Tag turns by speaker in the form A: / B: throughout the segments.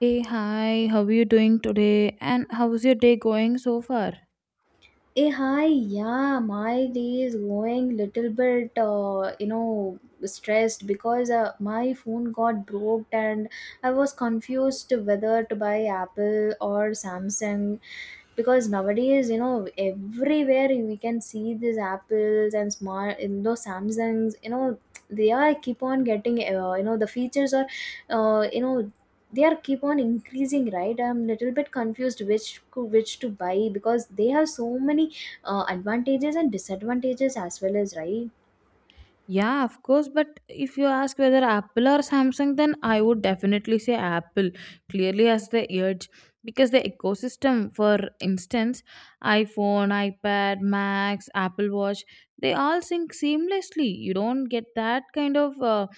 A: Hey, hi, how are you doing today? And how's your day going so far?
B: Hey, hi, yeah, my day is going little bit, stressed because my phone got broke, and I was confused whether to buy Apple or Samsung because nowadays, everywhere we can see these Apples and smart, Samsungs, they are keep on getting, the features are, uh, you know, they are keep on increasing, right? I'm little bit confused which to buy because they have so many advantages and disadvantages as well, as right.
A: Yeah, of course. But if you ask whether Apple or Samsung, then I would definitely say Apple clearly has the edge because the ecosystem, for instance, iPhone, iPad, Macs, Apple Watch, they all sync seamlessly. You don't get that kind of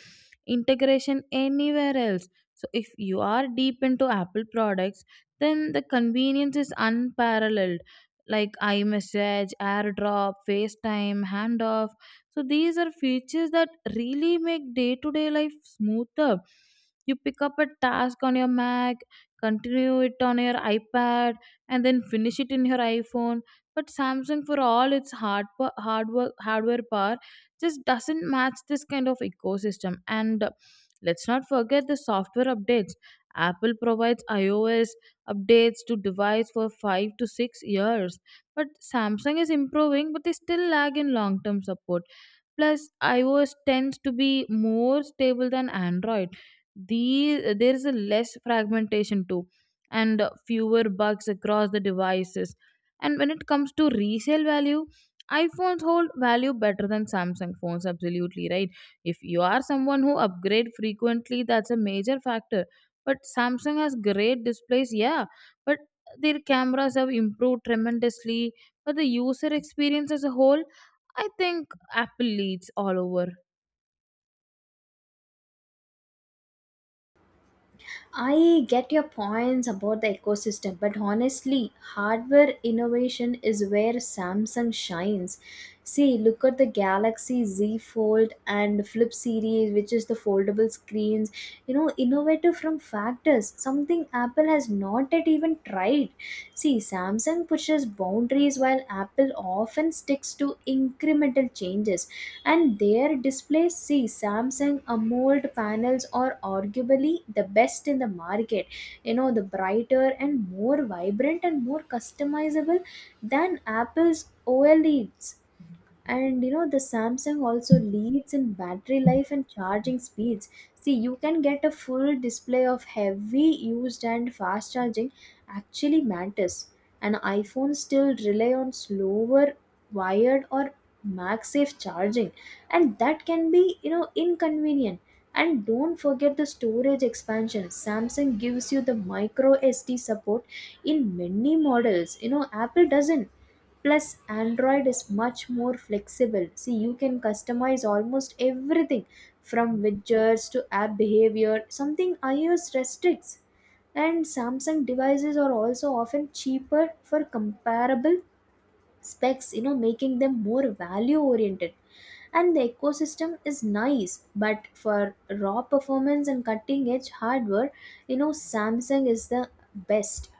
A: integration anywhere else. So if you are deep into Apple products, then the convenience is unparalleled. Like iMessage, AirDrop, FaceTime, handoff, so these are features that really make day-to-day life smoother. You pick up a task on your Mac, continue it on your iPad, and then finish it in your iPhone. But Samsung, for all its hard work, hardware power, just doesn't match this kind of ecosystem. And Let's not forget the software updates. Apple provides iOS updates to device for 5 to 6 years, but Samsung is improving, but they still lag in long term support. Plus, iOS tends to be more stable than Android. There is a less fragmentation too, and fewer bugs across the devices. And when it comes to resale value, iPhones hold value better than Samsung phones, absolutely right. If you are someone who upgrade frequently, that's a major factor. But Samsung has great displays, yeah, but their cameras have improved tremendously. But the user experience as a whole, I think Apple leads all over.
B: I get your points about the ecosystem, but honestly, hardware innovation is where Samsung shines. See, look at the Galaxy Z Fold and Flip series, which is the foldable screens. You know, innovative from factors, something Apple has not yet even tried. See, Samsung pushes boundaries while Apple often sticks to incremental changes, and their displays, see, Samsung AMOLED panels are arguably the best in the market. You know, the brighter and more vibrant and more customizable than Apple's OLEDs. And you know, the Samsung also leads in battery life and charging speeds. See, you can get a full display of heavy used and fast charging actually matters, and iPhone still rely on slower wired or MagSafe charging, and that can be, you know, inconvenient. And don't forget the storage expansion. Samsung gives you the micro SD support in many models. You know, Apple doesn't. Plus, Android is much more flexible. See, you can customize almost everything from widgets to app behavior, something iOS restricts. And Samsung devices are also often cheaper for comparable specs, you know, making them more value oriented. And the ecosystem is nice, but for raw performance and cutting edge hardware, you know, Samsung is the best.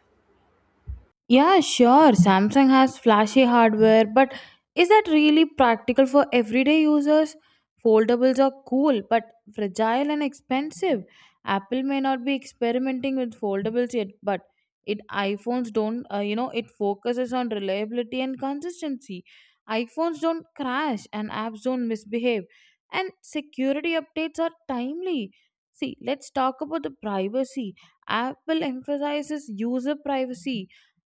A: Yeah, sure. Samsung has flashy hardware, but is that really practical for everyday users? Foldables are cool, but fragile and expensive. Apple may not be experimenting with foldables yet, but it iPhones don't, it focuses on reliability and consistency. iPhones don't crash and apps don't misbehave, and security updates are timely. See, let's talk about the privacy. Apple emphasizes user privacy.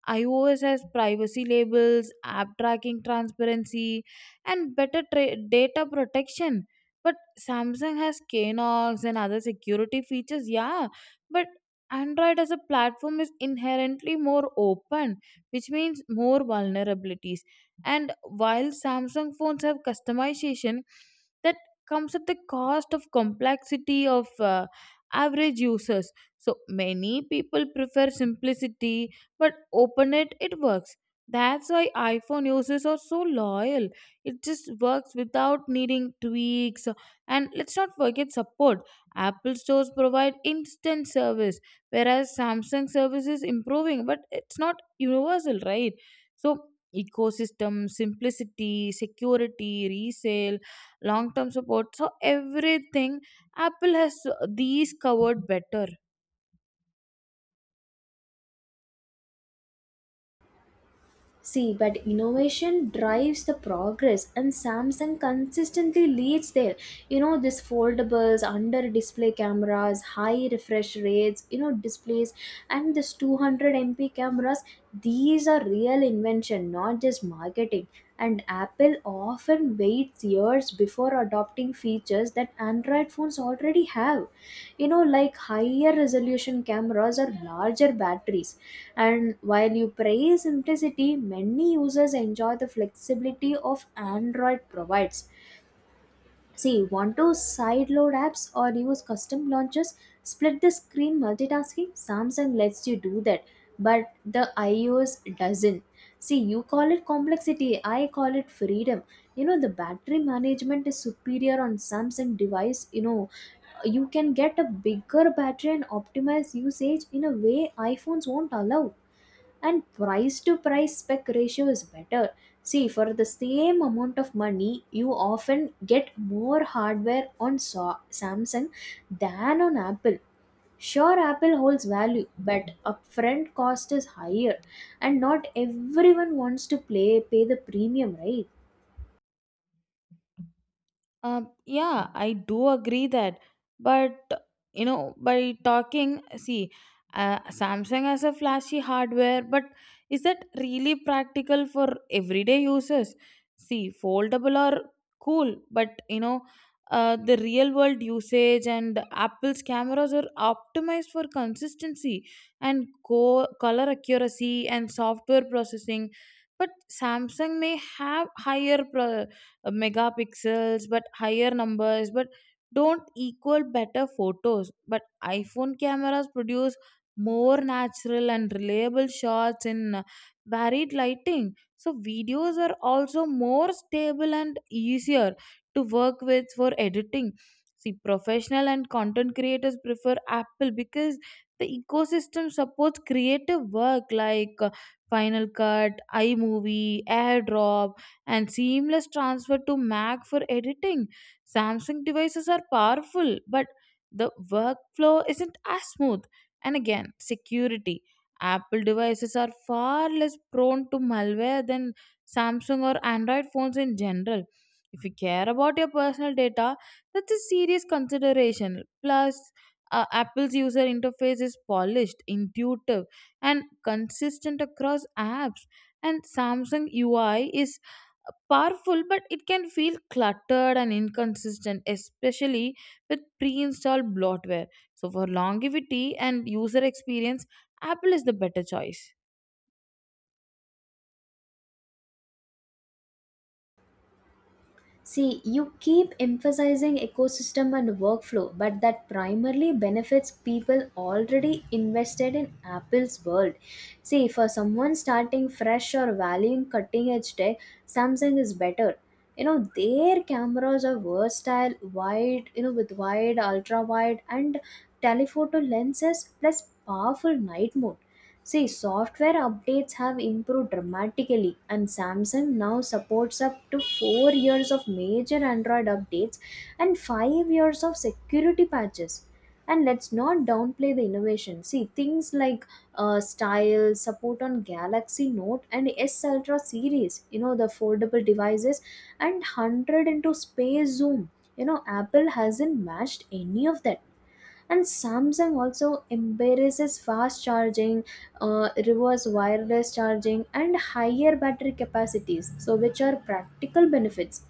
A: iOS has privacy labels, app tracking transparency, and data protection. But Samsung has Knox and other security features, yeah. But Android as a platform is inherently more open, which means more vulnerabilities. And while Samsung phones have customization, that comes at the cost of complexity of average users. So many people prefer simplicity, but open it works. That's why iPhone users are so loyal. It just works without needing tweaks. And let's not forget support. Apple stores provide instant service, whereas Samsung service is improving, but it's not universal, right? So ecosystem, simplicity, security, resale, long term support, so everything Apple has these covered better.
B: See, but innovation drives the progress, and Samsung consistently leads there. You know, this foldables, under display cameras, high refresh rates, you know, displays, and this 200 MP cameras, these are real invention, not just marketing. And Apple often waits years before adopting features that Android phones already have. You know, like higher resolution cameras or larger batteries. And while you praise simplicity, many users enjoy the flexibility of Android provides. See, want to sideload apps or use custom launchers? Split the screen multitasking? Samsung lets you do that, but the iOS doesn't. See, you call it complexity, I call it freedom. You know, the battery management is superior on Samsung device. You know, you can get a bigger battery and optimize usage in a way iPhones won't allow, and price to price spec ratio is better. See, for the same amount of money, you often get more hardware on Samsung than on Apple. Sure, Apple holds value, but upfront cost is higher, and not everyone wants to play pay the premium, right?
A: Yeah, I do agree that, but you know, by talking, see, Samsung has a flashy hardware, but is that really practical for everyday users? See, foldable are cool, but the real world usage, and Apple's cameras are optimized for consistency and color accuracy and software processing. But Samsung may have megapixels, but higher numbers but don't equal better photos, but iPhone cameras produce more natural and reliable shots in varied lighting. So videos are also more stable and easier to work with for editing. See, professional and content creators prefer Apple because the ecosystem supports creative work like Final Cut, iMovie, AirDrop, and seamless transfer to Mac for editing. Samsung devices are powerful, but the workflow isn't as smooth. And again, security. Apple devices are far less prone to malware than Samsung or Android phones in general. If you care about your personal data, that's a serious consideration. Plus, Apple's user interface is polished, intuitive, and consistent across apps, and Samsung UI is powerful, but it can feel cluttered and inconsistent, especially with pre-installed bloatware. So for longevity and user experience, Apple is the better choice.
B: See, you keep emphasizing ecosystem and workflow, but that primarily benefits people already invested in Apple's world. See, for someone starting fresh or valuing cutting edge tech, Samsung is better. You know, their cameras are versatile, wide, you know, with wide, ultra wide, and telephoto lenses plus powerful night mode. See, software updates have improved dramatically, and Samsung now supports up to 4 years of major Android updates and 5 years of security patches. And let's not downplay the innovation. See, things like style, support on Galaxy Note and S Ultra series, you know, the foldable devices, and 100 into space zoom. You know, Apple hasn't matched any of that. And Samsung also embraces fast charging, reverse wireless charging, and higher battery capacities, so which are practical benefits.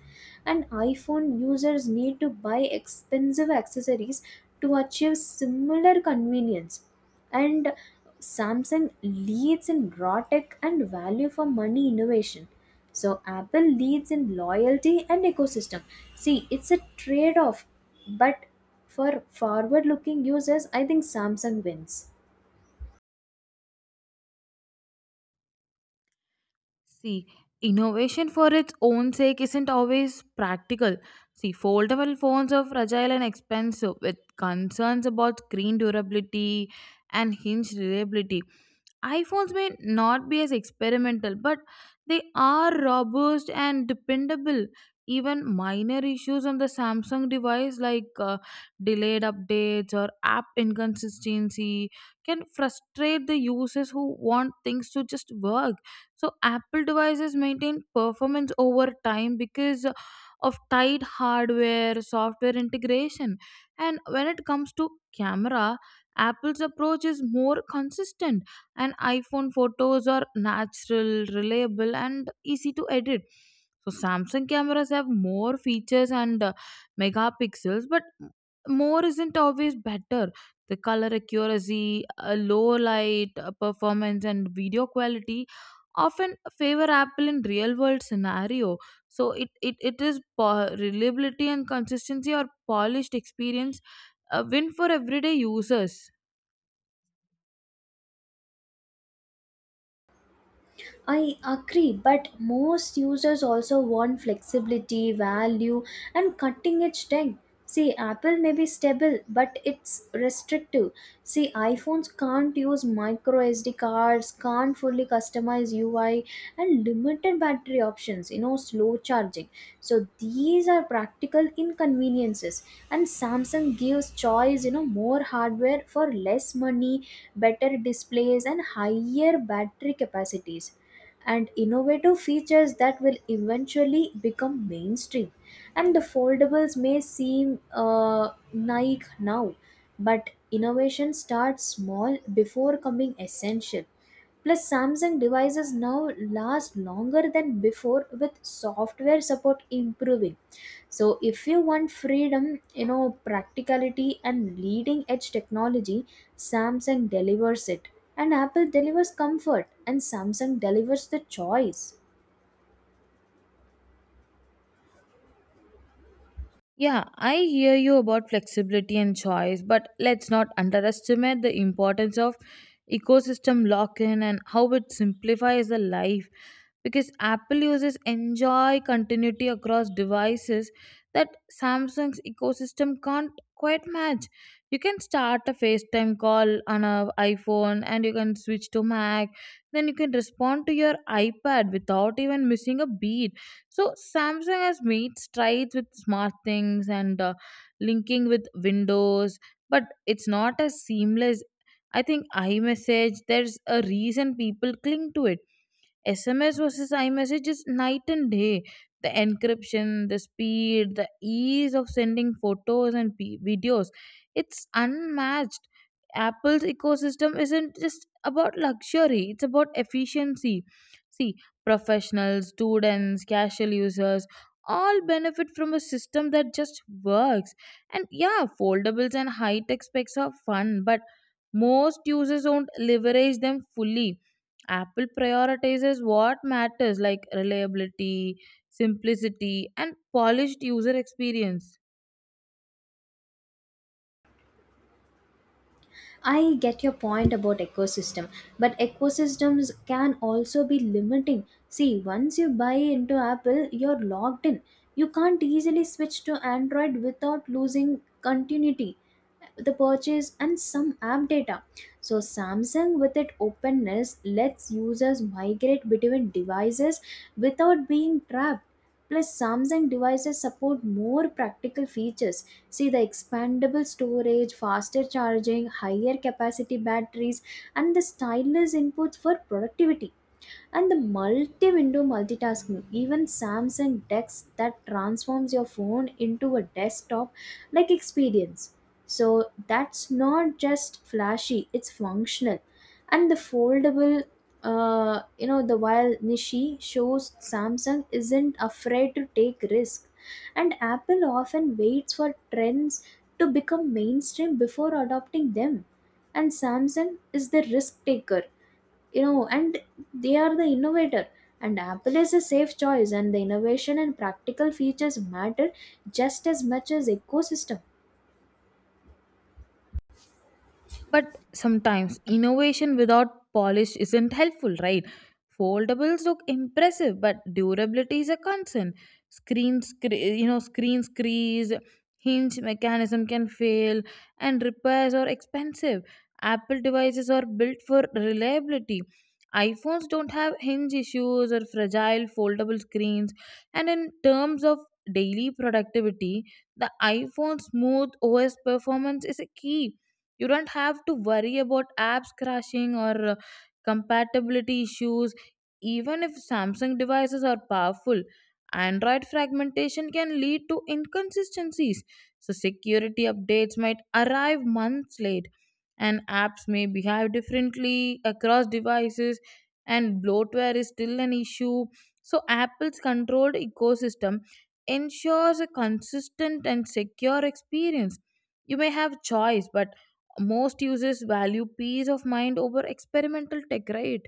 B: And iPhone users need to buy expensive accessories to achieve similar convenience. And Samsung leads in raw tech and value for money innovation. So Apple leads in loyalty and ecosystem. See, it's a trade off, but for forward looking users, I think Samsung wins.
A: See, innovation for its own sake isn't always practical. See, foldable phones are fragile and expensive with concerns about screen durability and hinge reliability. iPhones may not be as experimental, but they are robust and dependable. Even minor issues on the Samsung device, like delayed updates or app inconsistency, can frustrate the users who want things to just work. So, Apple devices maintain performance over time because of tight hardware software integration. And when it comes to camera, Apple's approach is more consistent, and iPhone photos are natural, reliable, and easy to edit. So Samsung cameras have more features and megapixels, but more isn't always better. The color accuracy, low light performance, and video quality often favor Apple in real world scenario. So reliability and consistency or polished experience win for everyday users.
B: I agree, but most users also want flexibility, value, and cutting edge tech. See, Apple may be stable, but it's restrictive. See, iPhones can't use micro SD cards, can't fully customize UI, and limited battery options, you know, slow charging. So, these are practical inconveniences. And Samsung gives choice, you know, more hardware for less money, better displays, and higher battery capacities, and innovative features that will eventually become mainstream. And the foldables may seem naive now, but innovation starts small before becoming essential. Plus, Samsung devices now last longer than before with software support improving. So, if you want freedom, you know, practicality, and leading edge technology, Samsung delivers it. And Apple delivers comfort, and Samsung delivers the choice.
A: Yeah, I hear you about flexibility and choice, but let's not underestimate the importance of ecosystem lock in and how it simplifies the life. Because Apple users enjoy continuity across devices that Samsung's ecosystem can't quite match. You can start a FaceTime call on a iPhone and you can switch to Mac, then you can respond to your iPad without even missing a beat. So Samsung has made strides with smart things and linking with Windows, but it's not as seamless. I think iMessage, there's a reason people cling to it. SMS versus iMessage is night and day. The encryption, the speed, the ease of sending photos and videos, it's unmatched. Apple's ecosystem isn't just about luxury, it's about efficiency. See, professionals, students, casual users all benefit from a system that just works. And yeah, foldables and high tech specs are fun, but most users don't leverage them fully. Apple prioritizes what matters, like reliability, simplicity, and polished user experience.
B: I get your point about ecosystem, but ecosystems can also be limiting. See, once you buy into Apple, you're locked in. You can't easily switch to Android without losing continuity, the purchase, and some app data. So, Samsung, with its openness, lets users migrate between devices without being trapped. Plus, Samsung devices support more practical features. See the expandable storage, faster charging, higher capacity batteries, and the stylus inputs for productivity, and the multi-window multitasking, even Samsung DeX, that transforms your phone into a desktop like experience. So that's not just flashy, it's functional. And the foldable, you know, the while nishi shows Samsung isn't afraid to take risk. And Apple often waits for trends to become mainstream before adopting them, and Samsung is the risk taker, you know, and they are the innovator. And Apple is a safe choice, and the innovation and practical features matter just as much as ecosystem.
A: But sometimes innovation without polish isn't helpful, right? Foldables look impressive, but durability is a concern. Screen, cre- Screen crease, hinge mechanism can fail, and repairs are expensive. Apple devices are built for reliability. iPhones don't have hinge issues or fragile foldable screens. And in terms of daily productivity, the iPhone's smooth OS performance is a key. You don't have to worry about apps crashing or compatibility issues. Even if Samsung devices are powerful, Android fragmentation can lead to inconsistencies. So security updates might arrive months late, and apps may behave differently across devices, and bloatware is still an issue. So Apple's controlled ecosystem ensures a consistent and secure experience. You may have choice, but most users value peace of mind over experimental tech, right?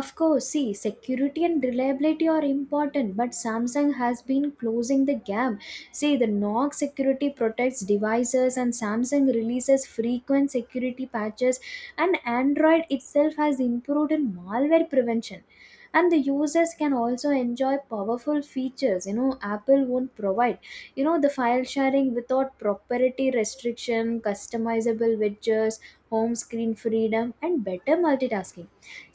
B: Of course. See, security and reliability are important, but Samsung has been closing the gap. See, the Knox security protects devices, and Samsung releases frequent security patches, and Android itself has improved in malware prevention. And the users can also enjoy powerful features. You know, Apple won't provide, you know, the file sharing without proprietary restriction, customizable widgets, home screen freedom, and better multitasking.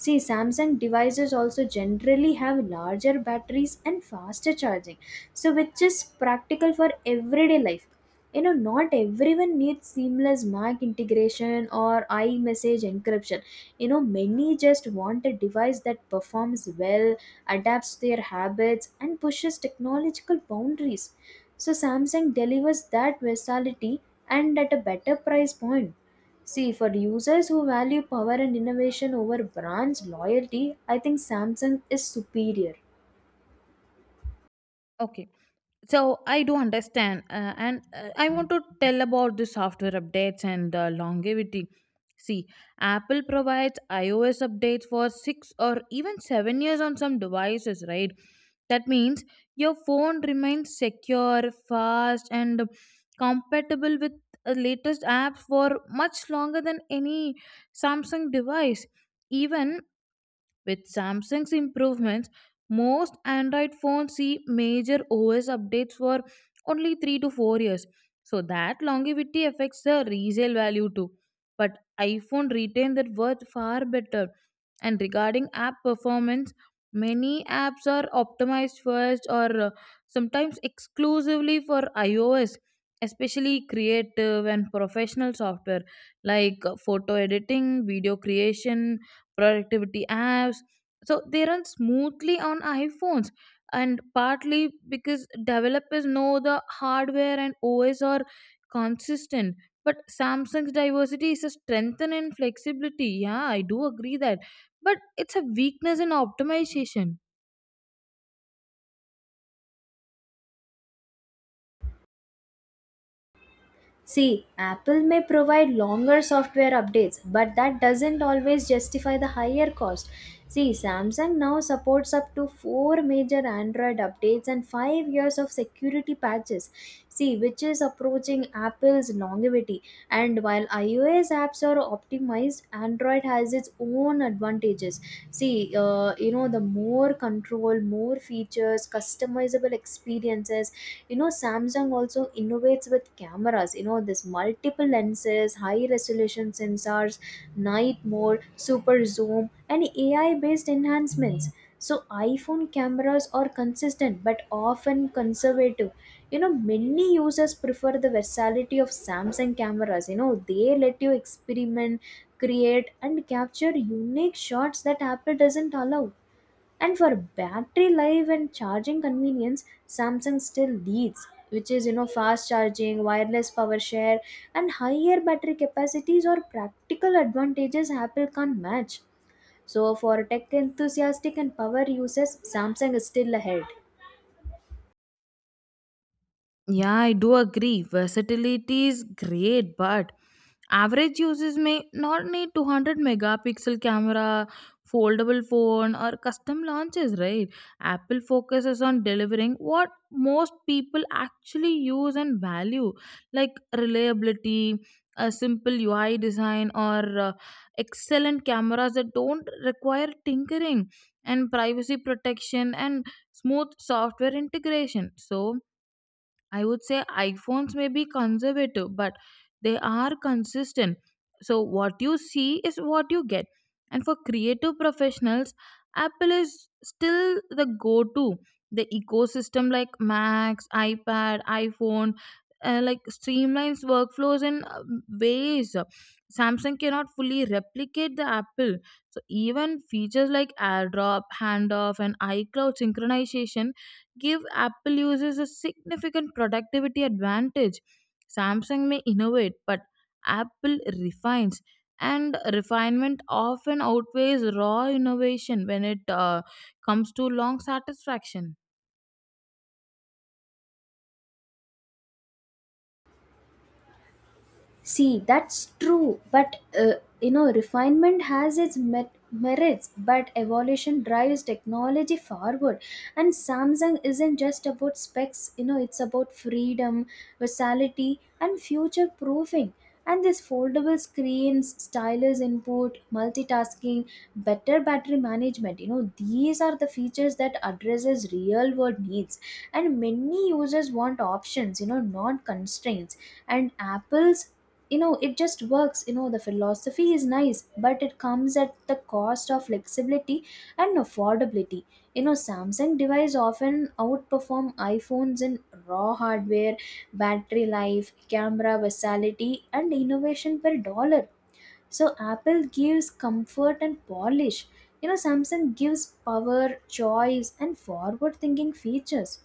B: See, Samsung devices also generally have larger batteries and faster charging, so which is practical for everyday life. You know, not everyone needs seamless Mac integration or iMessage encryption. You know, many just want a device that performs well, adapts their habits, and pushes technological boundaries. So Samsung delivers that versatility, and at a better price point. See, for users who value power and innovation over brands loyalty, I think Samsung is superior.
A: Okay, so I do understand, and I want to tell about the software updates and longevity. See, Apple provides iOS updates for 6 or even 7 years on some devices, right? That means your phone remains secure, fast, and compatible with latest apps for much longer than any Samsung device. Even with Samsung's improvements, most Android phones see major OS updates for only 3 to 4 years. So that longevity affects the resale value too. But iPhone retains that worth far better. And regarding app performance, many apps are optimized first or sometimes exclusively for iOS, especially creative and professional software like photo editing, video creation, productivity apps. So they run smoothly on iPhones, and partly because developers know the hardware and OS are consistent. But Samsung's diversity is a strength and in flexibility. Yeah, I do agree that. But it's a weakness in optimization.
B: See, Apple may provide longer software updates, but that doesn't always justify the higher cost. See, Samsung now supports up to 4 major Android updates and 5 years of security patches. See, which is approaching Apple's longevity. And while iOS apps are optimized, Android has its own advantages. See, you know, the more control, more features, customizable experiences. You know, Samsung also innovates with cameras. You know, this multiple lenses, high resolution sensors, night mode, super zoom, and AI based enhancements. So iPhone cameras are consistent but often conservative. You know, many users prefer the versatility of Samsung cameras. You know, they let you experiment, create, and capture unique shots that Apple doesn't allow. And for battery life and charging convenience, Samsung still leads, which is, you know, fast charging, wireless power share, and higher battery capacities or practical advantages Apple can't match. So for tech enthusiastic and power users, Samsung is still ahead.
A: Yeah, I do agree. Versatility is great, but average users may not need 200 megapixel camera, foldable phone, or custom launches, right? Apple focuses on delivering what most people actually use and value, like reliability, a simple UI design, or excellent cameras that don't require tinkering, and privacy protection and smooth software integration. So, I would say iPhones may be conservative, but they are consistent. So, what you see is what you get. And for creative professionals, Apple is still the go to. The ecosystem like Macs, iPad, iPhone, like streamlines workflows in ways. Samsung cannot fully replicate the Apple. So, even features like AirDrop, handoff, and iCloud synchronization give Apple users a significant productivity advantage. Samsung may innovate, but Apple refines, and refinement often outweighs raw innovation when it comes to long satisfaction.
B: See, that's true, but you know, refinement has its merits, but evolution drives technology forward. And Samsung isn't just about specs, you know, it's about freedom, versatility, and future proofing. And this foldable screens, stylus input, multitasking, better battery management, you know, these are the features that addresses real world needs. And many users want options, you know, not constraints. And Apple's, you know, it just works. You know, the philosophy is nice, but it comes at the cost of flexibility and affordability. You know, Samsung device often outperform iPhones in raw hardware, battery life, camera versatility, and innovation per dollar. So Apple gives comfort and polish. You know, Samsung gives power, choice, and forward thinking features.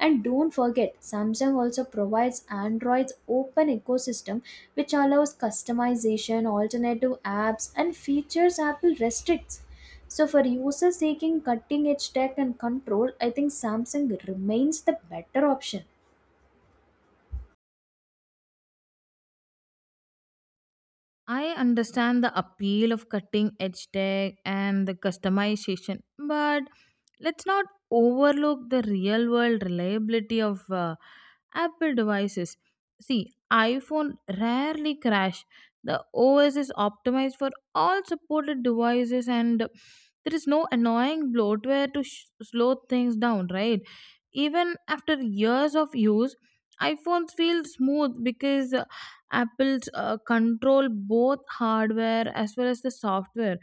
B: And don't forget, Samsung also provides Android's open ecosystem, which allows customization, alternative apps, and features Apple restricts. So, for users seeking cutting edge tech and control, I think Samsung remains the better option.
A: I understand the appeal of cutting edge tech and the customization, but let's not overlook the real world reliability of Apple devices. See, iPhone rarely crash. The OS is optimized for all supported devices, and there is no annoying bloatware to slow things down, right? Even after years of use, iPhones feel smooth because Apple's control both hardware as well as the software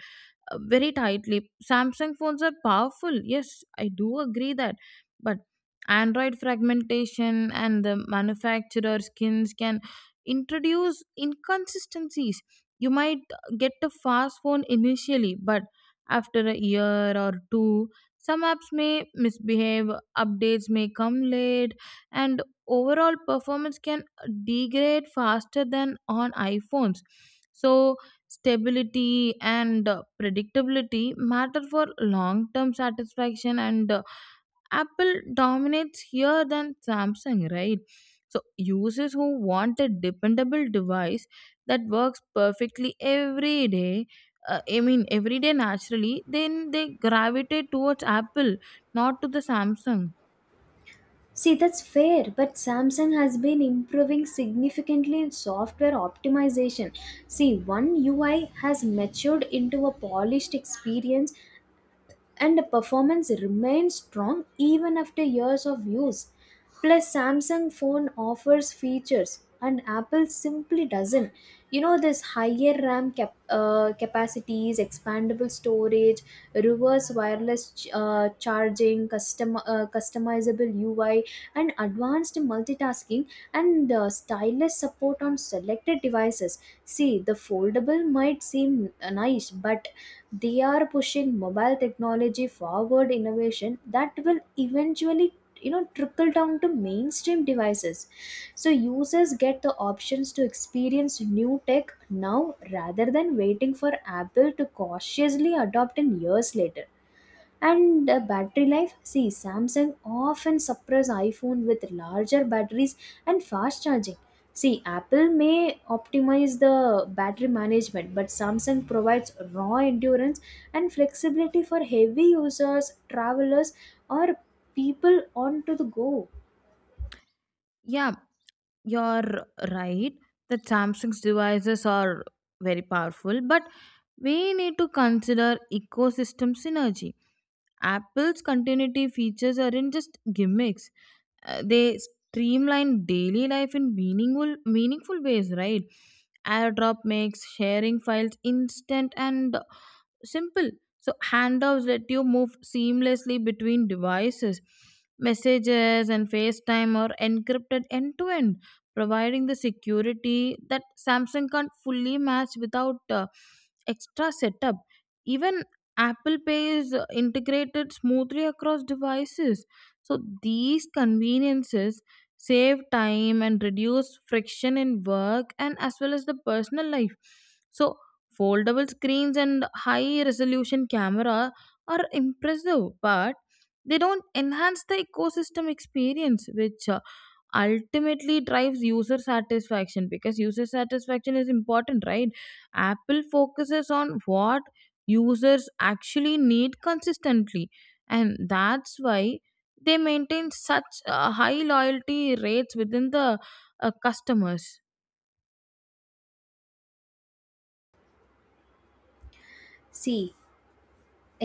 A: uh, very tightly. Samsung phones are powerful. Yes, I do agree that. But Android fragmentation and the manufacturer skins can introduce inconsistencies. You might get a fast phone initially, but after a year or two, some apps may misbehave, updates may come late, and overall performance can degrade faster than on iPhones. So, stability and predictability matter for long term satisfaction, and Apple dominates here than Samsung, right? So users who want a dependable device that works perfectly every day, I mean every day naturally, then they gravitate towards Apple, not to the Samsung.
B: See, that's fair, but Samsung has been improving significantly in software optimization. See, One UI has matured into a polished experience, and the performance remains strong even after years of use. Plus, Samsung phone offers features and Apple simply doesn't. You know, this higher RAM capacities, expandable storage, reverse wireless charging, customizable UI, and advanced multitasking, and stylus support on selected devices. See, the foldable might seem nice, but they are pushing mobile technology forward innovation that will eventually, you know, trickle down to mainstream devices. So users get the options to experience new tech now rather than waiting for Apple to cautiously adopt in years later. And battery life. See, Samsung often surprise iPhone with larger batteries and fast charging. See, Apple may optimize the battery management, but Samsung provides raw endurance and flexibility for heavy users, travelers, or people on to the go.
A: Yeah, you're right that Samsung's devices are very powerful, but we need to consider ecosystem synergy. Apple's continuity features aren't just gimmicks, they streamline daily life in meaningful meaningful ways, right? AirDrop makes sharing files instant and simple. So handoffs let you move seamlessly between devices. Messages and FaceTime are encrypted end to end, providing the security that Samsung can't fully match without extra setup. Even Apple Pay is integrated smoothly across devices. So these conveniences save time and reduce friction in work and as well as the personal life. So foldable screens and high resolution camera are impressive, but they don't enhance the ecosystem experience, which ultimately drives user satisfaction, because user satisfaction is important, right? Apple focuses on what users actually need consistently, and that's why they maintain such high loyalty rates within the customers.
B: See,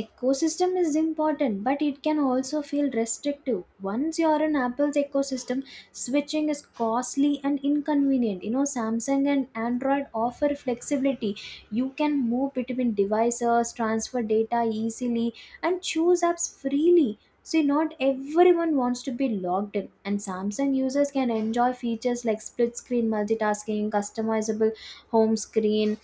B: ecosystem is important, but it can also feel restrictive once you're in Apple's ecosystem. Switching is costly and inconvenient. You know, Samsung and Android offer flexibility. You can move between devices, transfer data easily, and choose apps freely. So not everyone wants to be logged in. And Samsung users can enjoy features like split screen multitasking, customizable home screen,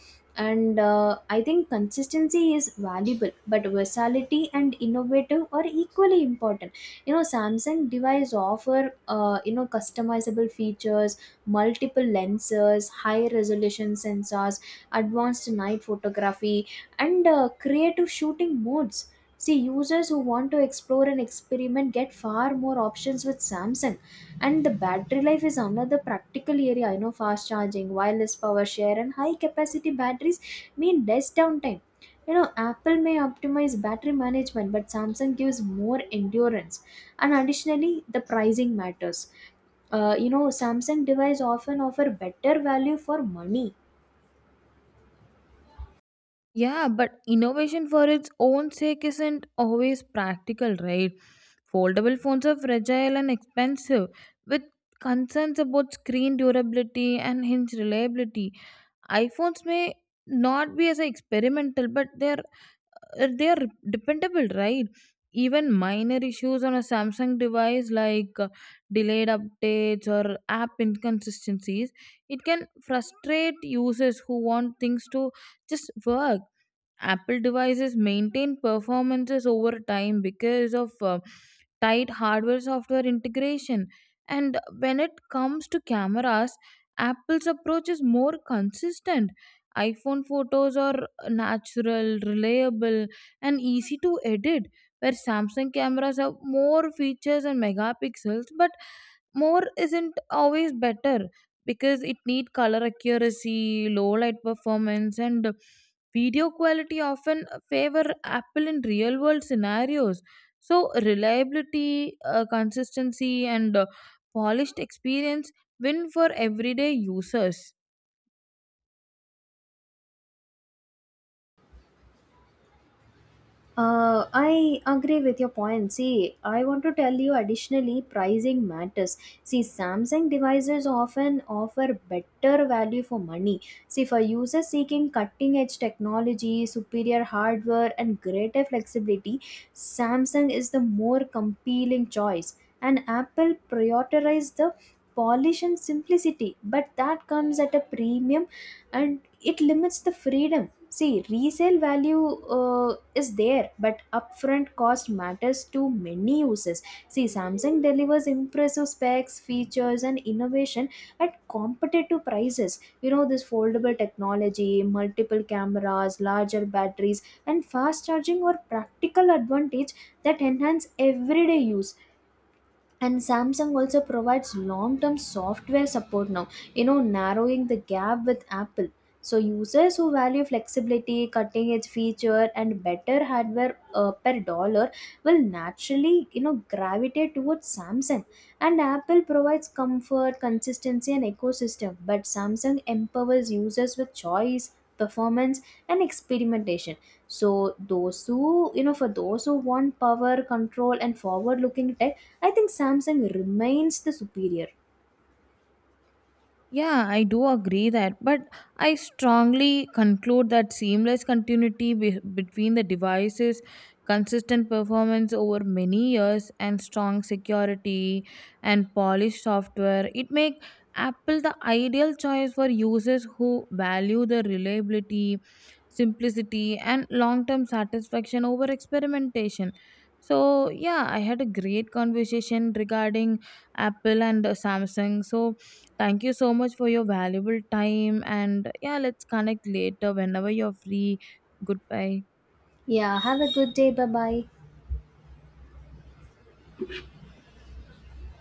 B: and I think consistency is valuable, but versatility and innovative are equally important. You know, Samsung device offer, you know, customizable features, multiple lenses, high resolution sensors, advanced night photography, and creative shooting modes. See, users who want to explore and experiment get far more options with Samsung. And the battery life is another practical area. You know, fast charging, wireless power share, and high capacity batteries mean less downtime. You know, Apple may optimize battery management, but Samsung gives more endurance. And additionally, the pricing matters. You know, Samsung device often offer better value for money.
A: Yeah, but innovation for its own sake isn't always practical, right? Foldable phones are fragile and expensive, with concerns about screen durability and hinge reliability. iPhones may not be as a experimental, but they're dependable, right? Even minor issues on a Samsung device like delayed updates or app inconsistencies, it can frustrate users who want things to just work. Apple devices maintain performances over time because of tight hardware software integration. And when it comes to cameras, Apple's approach is more consistent. iPhone photos are natural, reliable, and easy to edit, where Samsung cameras have more features and megapixels, but more isn't always better because it need color accuracy, low light performance, and video quality often favor Apple in real world scenarios. So, reliability, consistency, and polished experience win for everyday users.
B: I agree with your point. See, I want to tell you additionally, pricing matters. See, Samsung devices often offer better value for money. See, for users seeking cutting edge technology, superior hardware, and greater flexibility, Samsung is the more compelling choice. And Apple prioritizes the polish and simplicity, but that comes at a premium, and it limits the freedom. See, resale value is there, but upfront cost matters to many users. See, Samsung delivers impressive specs, features, and innovation at competitive prices. You know, this foldable technology, multiple cameras, larger batteries, and fast charging are practical advantage that enhance everyday use. And Samsung also provides long term software support now, you know, narrowing the gap with Apple. So users who value flexibility, cutting edge feature, and better hardware per dollar will naturally, you know, gravitate towards Samsung. And Apple provides comfort, consistency, and ecosystem, but Samsung empowers users with choice, performance, and experimentation. So those who, you know, for those who want power, control, and forward looking tech, I think Samsung remains the superior.
A: Yeah, I do agree that, but I strongly conclude that seamless continuity between the devices, consistent performance over many years, and strong security and polished software, it make Apple the ideal choice for users who value the reliability, simplicity, and long-term satisfaction over experimentation. So yeah, I had a great conversation regarding Apple and Samsung. So thank you so much for your valuable time. And yeah, let's connect later whenever you're free. Goodbye.
B: Yeah, have a good day. Bye bye.